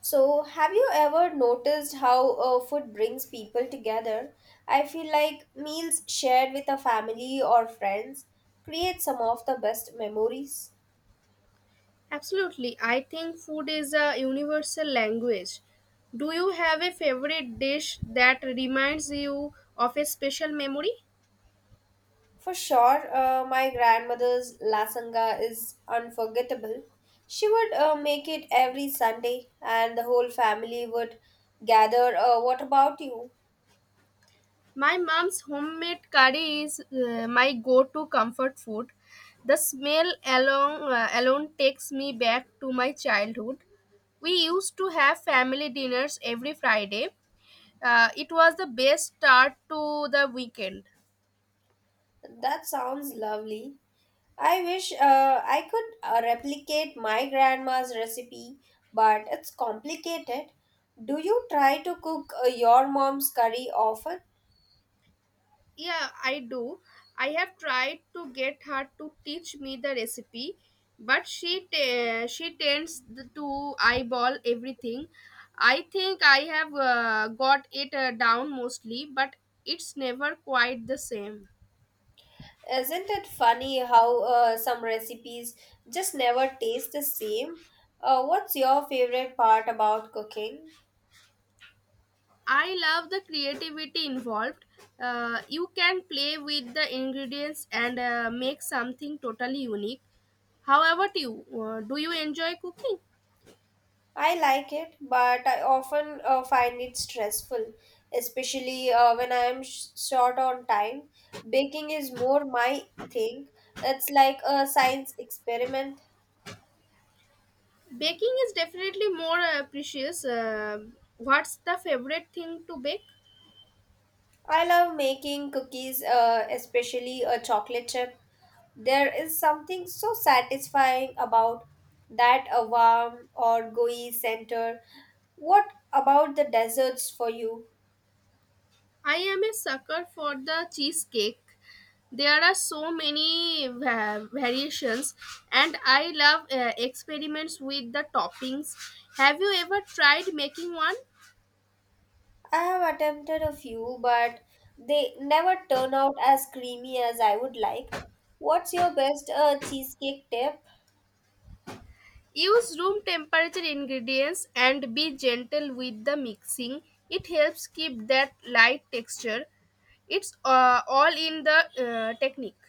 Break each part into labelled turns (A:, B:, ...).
A: So, have you ever noticed how food brings people together? I feel like meals shared with a family or friends create some of the best memories.
B: Absolutely. I think food is a universal language. Do you have a favorite dish that reminds you of a special memory?
A: For sure, my grandmother's lasanga is unforgettable. She would make it every Sunday, and the whole family would gather. What about you?
B: My mom's homemade curry is my go-to comfort food. The smell alone takes me back to my childhood. We used to have family dinners every Friday. It was the best start to the weekend.
A: That sounds lovely. I wish I could replicate my grandma's recipe, but it's complicated. Do you try to cook your mom's curry often?
B: Yeah, I do. I have tried to get her to teach me the recipe, but she tends to eyeball everything. I think I have got it down mostly, but it's never quite the same.
A: Isn't it funny how some recipes just never taste the same? What's your favorite part about cooking?
B: I love the creativity involved. You can play with the ingredients and make something totally unique. However, do you enjoy cooking?
A: I like it, but I often find it stressful, especially when I am short on time. Baking is more my thing. It's like a science experiment.
B: Baking is definitely more precious. What's the favorite thing to bake?
A: I love making cookies, especially a chocolate chip. There is something so satisfying about that a warm or gooey center. What about the desserts for you?
B: I am a sucker for the cheesecake. There are so many variations, and I love experiments with the toppings. Have you ever tried making one?
A: I have attempted a few, but they never turn out as creamy as I would like. What's your best cheesecake tip?
B: Use room temperature ingredients and be gentle with the mixing. It helps keep that light texture. It's all in the technique.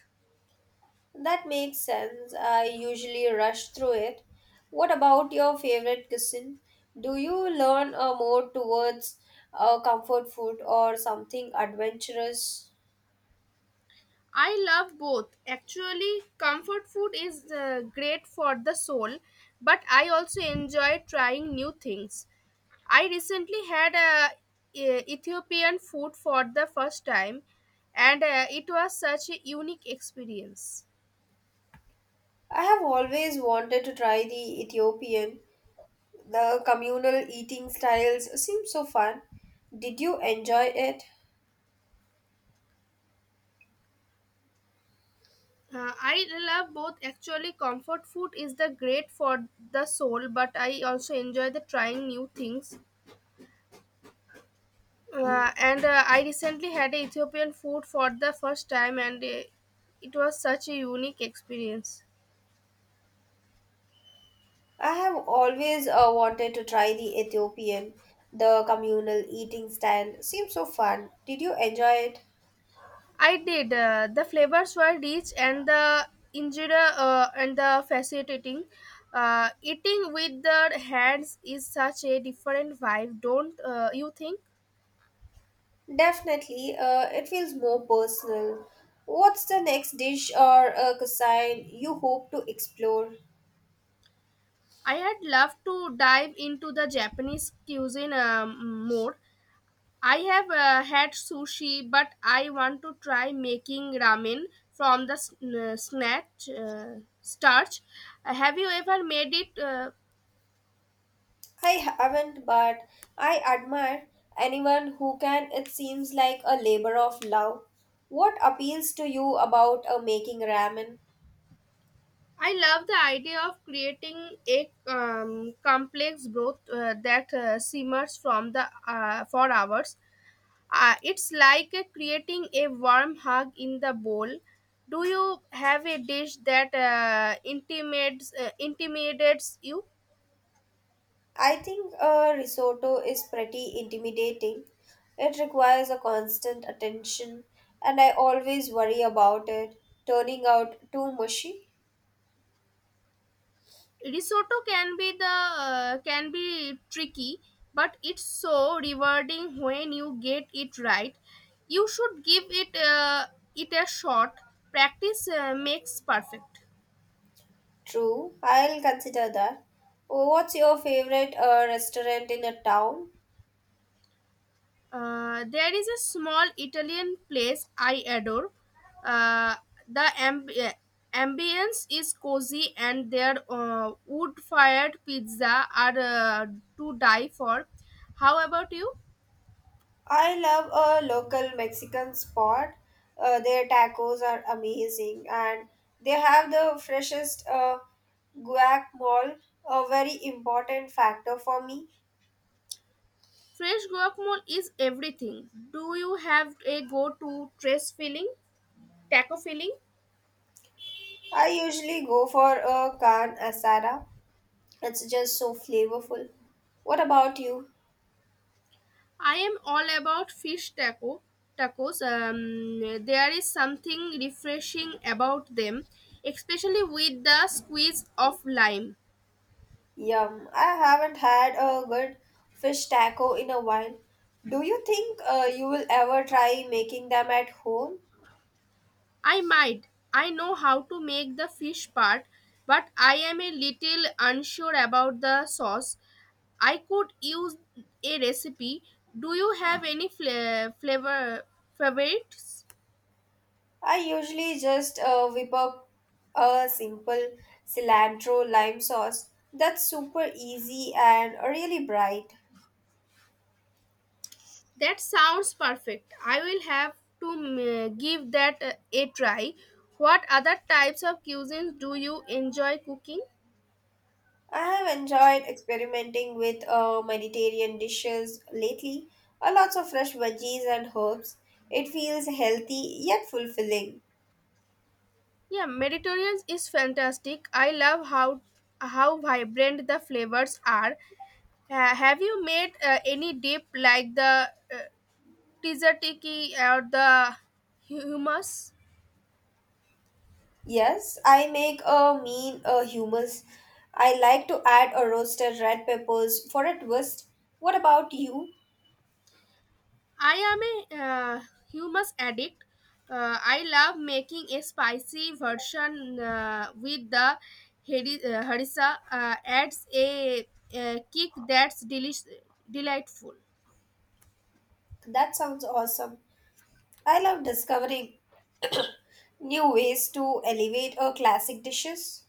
A: That makes sense. I usually rush through it. What about your favorite cuisine? Do you learn more towards comfort food or something adventurous?
B: I love both. Actually, comfort food is great for the soul, but I also enjoy trying new things. I recently had Ethiopian food for the first time, and it was such a unique experience.
A: I have always wanted to try the Ethiopian. The communal eating styles seem so fun. Did you enjoy it?
B: I love both. Actually, comfort food is the great for the soul, but I also enjoy the trying new things. And I recently had a Ethiopian food for the first time, and it was such a unique experience.
A: I have always wanted to try the Ethiopian. The communal eating style seems so fun. Did you enjoy it?
B: I did. The flavors were rich, and the injera and the fascinating. Eating with the hands is such a different vibe, don't you think?
A: Definitely, it feels more personal. What's the next dish or cuisine you hope to explore?
B: I had loved to dive into the Japanese cuisine more. I have had sushi, but I want to try making ramen from the sn- snatch starch. Have you ever made it?
A: I haven't, but I admire anyone who can. It seems like a labor of love. What appeals to you about making ramen?
B: I love the idea of creating a complex broth that simmers from the for hours. It's like creating a warm hug in the bowl. Do you have a dish that intimidates you?
A: I think a risotto is pretty intimidating. It requires a constant attention, and I always worry about it turning out too mushy.
B: Risotto can be the can be tricky, but it's so rewarding when you get it right. You should give it a shot. Practice makes perfect.
A: True, I'll consider that. What's your favorite restaurant in a town?
B: There is a small Italian place I adore. Uh, the amb- uh, ambience is cozy, and their wood fired pizza are to die for. How about you?
A: I love a local Mexican spot. Their tacos are amazing, and they have the freshest guacamole, a very important factor for me.
B: Fresh guacamole is everything. Do you have a taco filling?
A: I usually go for a Khan Asada. It's just so flavorful. What about you?
B: I am all about fish taco tacos. There is something refreshing about them, especially with the squeeze of lime.
A: Yum. I haven't had a good fish taco in a while. Do you think you will ever try making them at home?
B: I might. I know how to make the fish part, but I am a little unsure about the sauce. I could use a recipe. Do you have any flavor favorites?
A: I usually just whip up a simple cilantro lime sauce that's super easy and really bright.
B: That sounds perfect. I will have to give that a try. What other types of cuisines do you enjoy cooking?
A: I have enjoyed experimenting with Mediterranean dishes lately. Lots of fresh veggies and herbs. It feels healthy yet fulfilling.
B: Yeah, Mediterranean is fantastic. I love how vibrant the flavors are. Have you made any dip like the uh, tzatziki or the hummus?
A: Yes, I make a mean hummus. I like to add a roasted red peppers for a twist. What about you?
B: I am a hummus addict. I love making a spicy version with the harissa. Adds a kick that's delightful.
A: That sounds awesome. I love discovering new ways to elevate a classic dishes.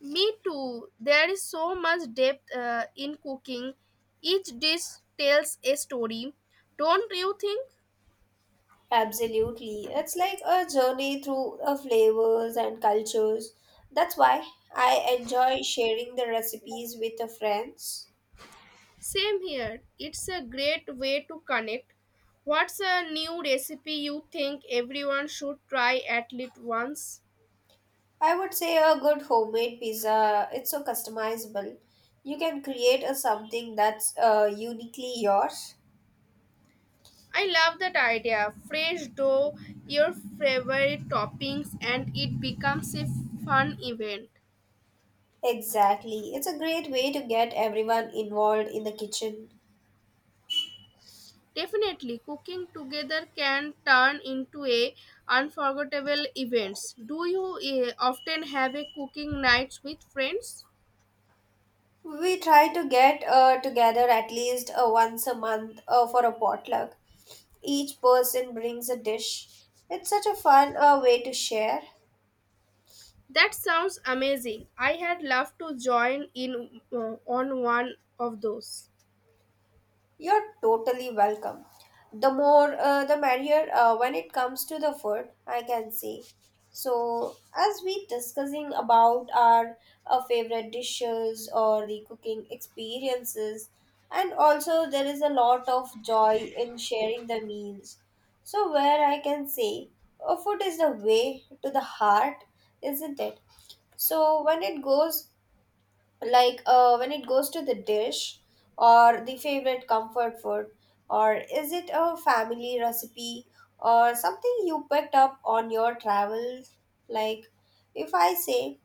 B: Me too. There is so much depth in cooking. Each dish tells a story. Don't you think?
A: Absolutely. It's like a journey through the flavors and cultures. That's why I enjoy sharing the recipes with the friends.
B: Same here. It's a great way to connect. What's a new recipe you think everyone should try at least once?
A: I would say a good homemade pizza, it's so customizable. You can create a something that's uniquely yours.
B: I love that idea. Fresh dough, your favorite toppings, and it becomes a fun event.
A: Exactly. It's a great way to get everyone involved in the kitchen.
B: Definitely, cooking together can turn into a unforgettable events. Do you often have a cooking nights with friends?
A: We try to get together at least once a month for a potluck. Each person brings a dish. It's such a fun way to share.
B: That sounds amazing. I had loved to join in on one of those.
A: You're totally welcome. The more, the merrier when it comes to the food, I can say. So, as we discussing about our favorite dishes or the cooking experiences, and also there is a lot of joy in sharing the meals. So, where I can say, food is the way to the heart, isn't it? So, when it goes when it goes to the dish or the favorite comfort food, or is it a family recipe or something you picked up on your travels? Like, if I say,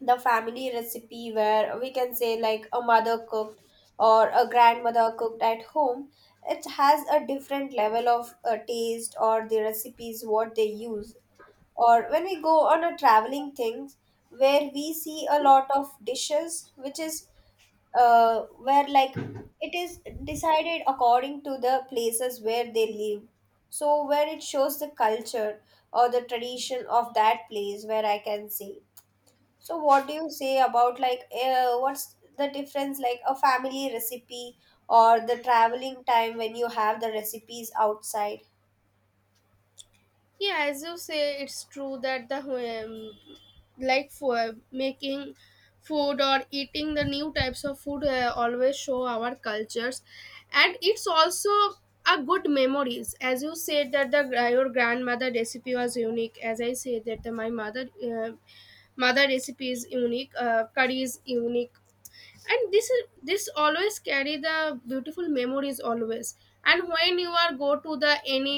A: the family recipe, where we can say like a mother cooked or a grandmother cooked at home, it has a different level of taste or the recipes what they use. Or when we go on a traveling things, where we see a lot of dishes which is, uh, where like it is decided according to the places where they live, so where it shows the culture or the tradition of that place, where I can say. So what do you say about like what's the difference, like a family recipe or the traveling time when you have the recipes outside?
B: Yeah, as you say, it's true that the like for making food or eating the new types of food always show our cultures, and it's also a good memories. As you said that the your grandmother recipe was unique. As I said that the, my mother recipe is unique. Curry is unique, and this is this always carry the beautiful memories always, and when you are go to the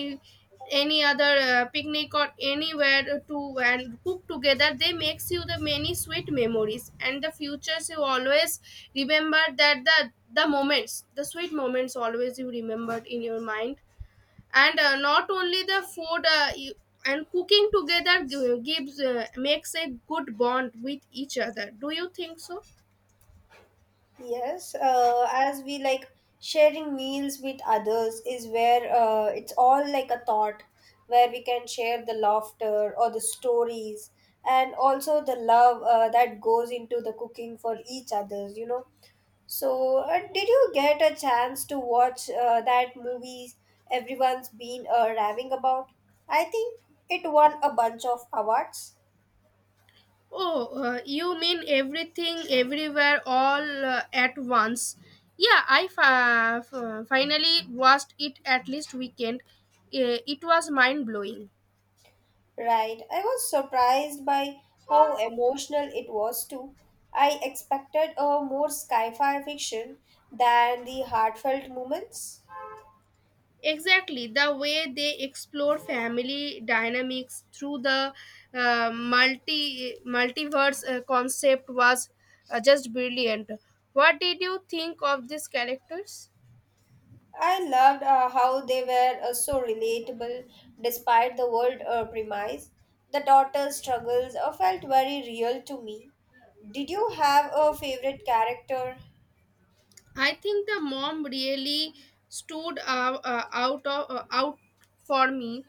B: any other picnic or anywhere to and cook together they makes you the many sweet memories and the futures you always remember that the moments, the sweet moments, always you remembered in your mind, and not only the food and cooking together gi- gives makes a good bond with each other. Do you think so?
A: Yes, as we like sharing meals with others is where it's all like a thought where we can share the laughter or the stories, and also the love that goes into the cooking for each others, you know. So, did you get a chance to watch that movie everyone's been raving about? I think it won a bunch of awards.
B: Oh, you mean Everything, Everywhere, All at Once? Yeah, I finally watched it at least weekend. It was mind blowing.
A: Right. I was surprised by how emotional it was too. I expected a more sci-fi fiction than the heartfelt moments.
B: Exactly, the way they explore family dynamics through the multiverse concept was just brilliant. What did you think of these characters?
A: I loved how they were so relatable despite the world premise. The daughter's struggles felt very real to me. Did you have a favorite character?
B: I think the mom really stood out for me.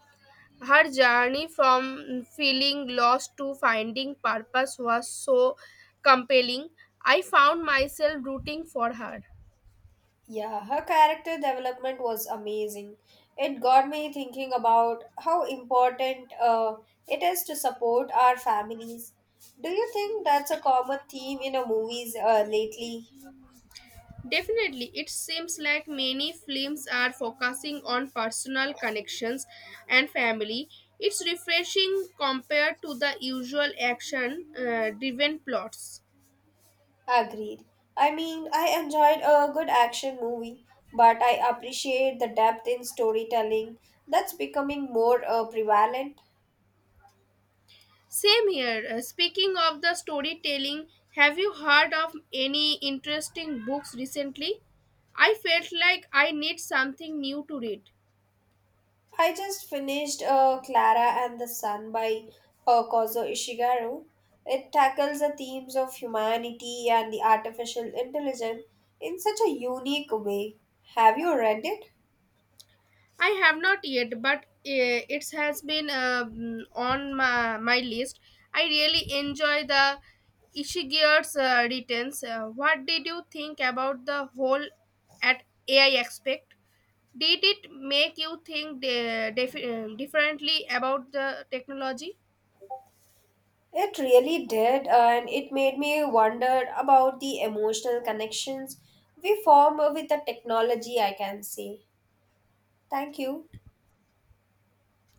B: Her journey from feeling lost to finding purpose was so compelling. I found myself rooting for her.
A: Yeah, her character development was amazing. It got me thinking about how important it is to support our families. Do you think that's a common theme in a movies lately?
B: Definitely, it seems like many films are focusing on personal connections and family. It's refreshing compared to the usual action driven plots.
A: Agreed. I mean, I enjoyed a good action movie, but I appreciate the depth in storytelling that's becoming more prevalent.
B: Same here. Speaking of the storytelling, have you heard of any interesting books recently? I felt like I need something new to read.
A: I just finished Clara and the Sun by Kozo Ishigaru. It tackles the themes of humanity and the artificial intelligence in such a unique way. Have you read it?
B: I have not yet, but it has been on my list. I really enjoy the Ishigir's returns. What did you think about the whole at AI aspect? Did it make you think differently about the technology?
A: It really did, and it made me wonder about the emotional connections we form with the technology, I can say. Thank you.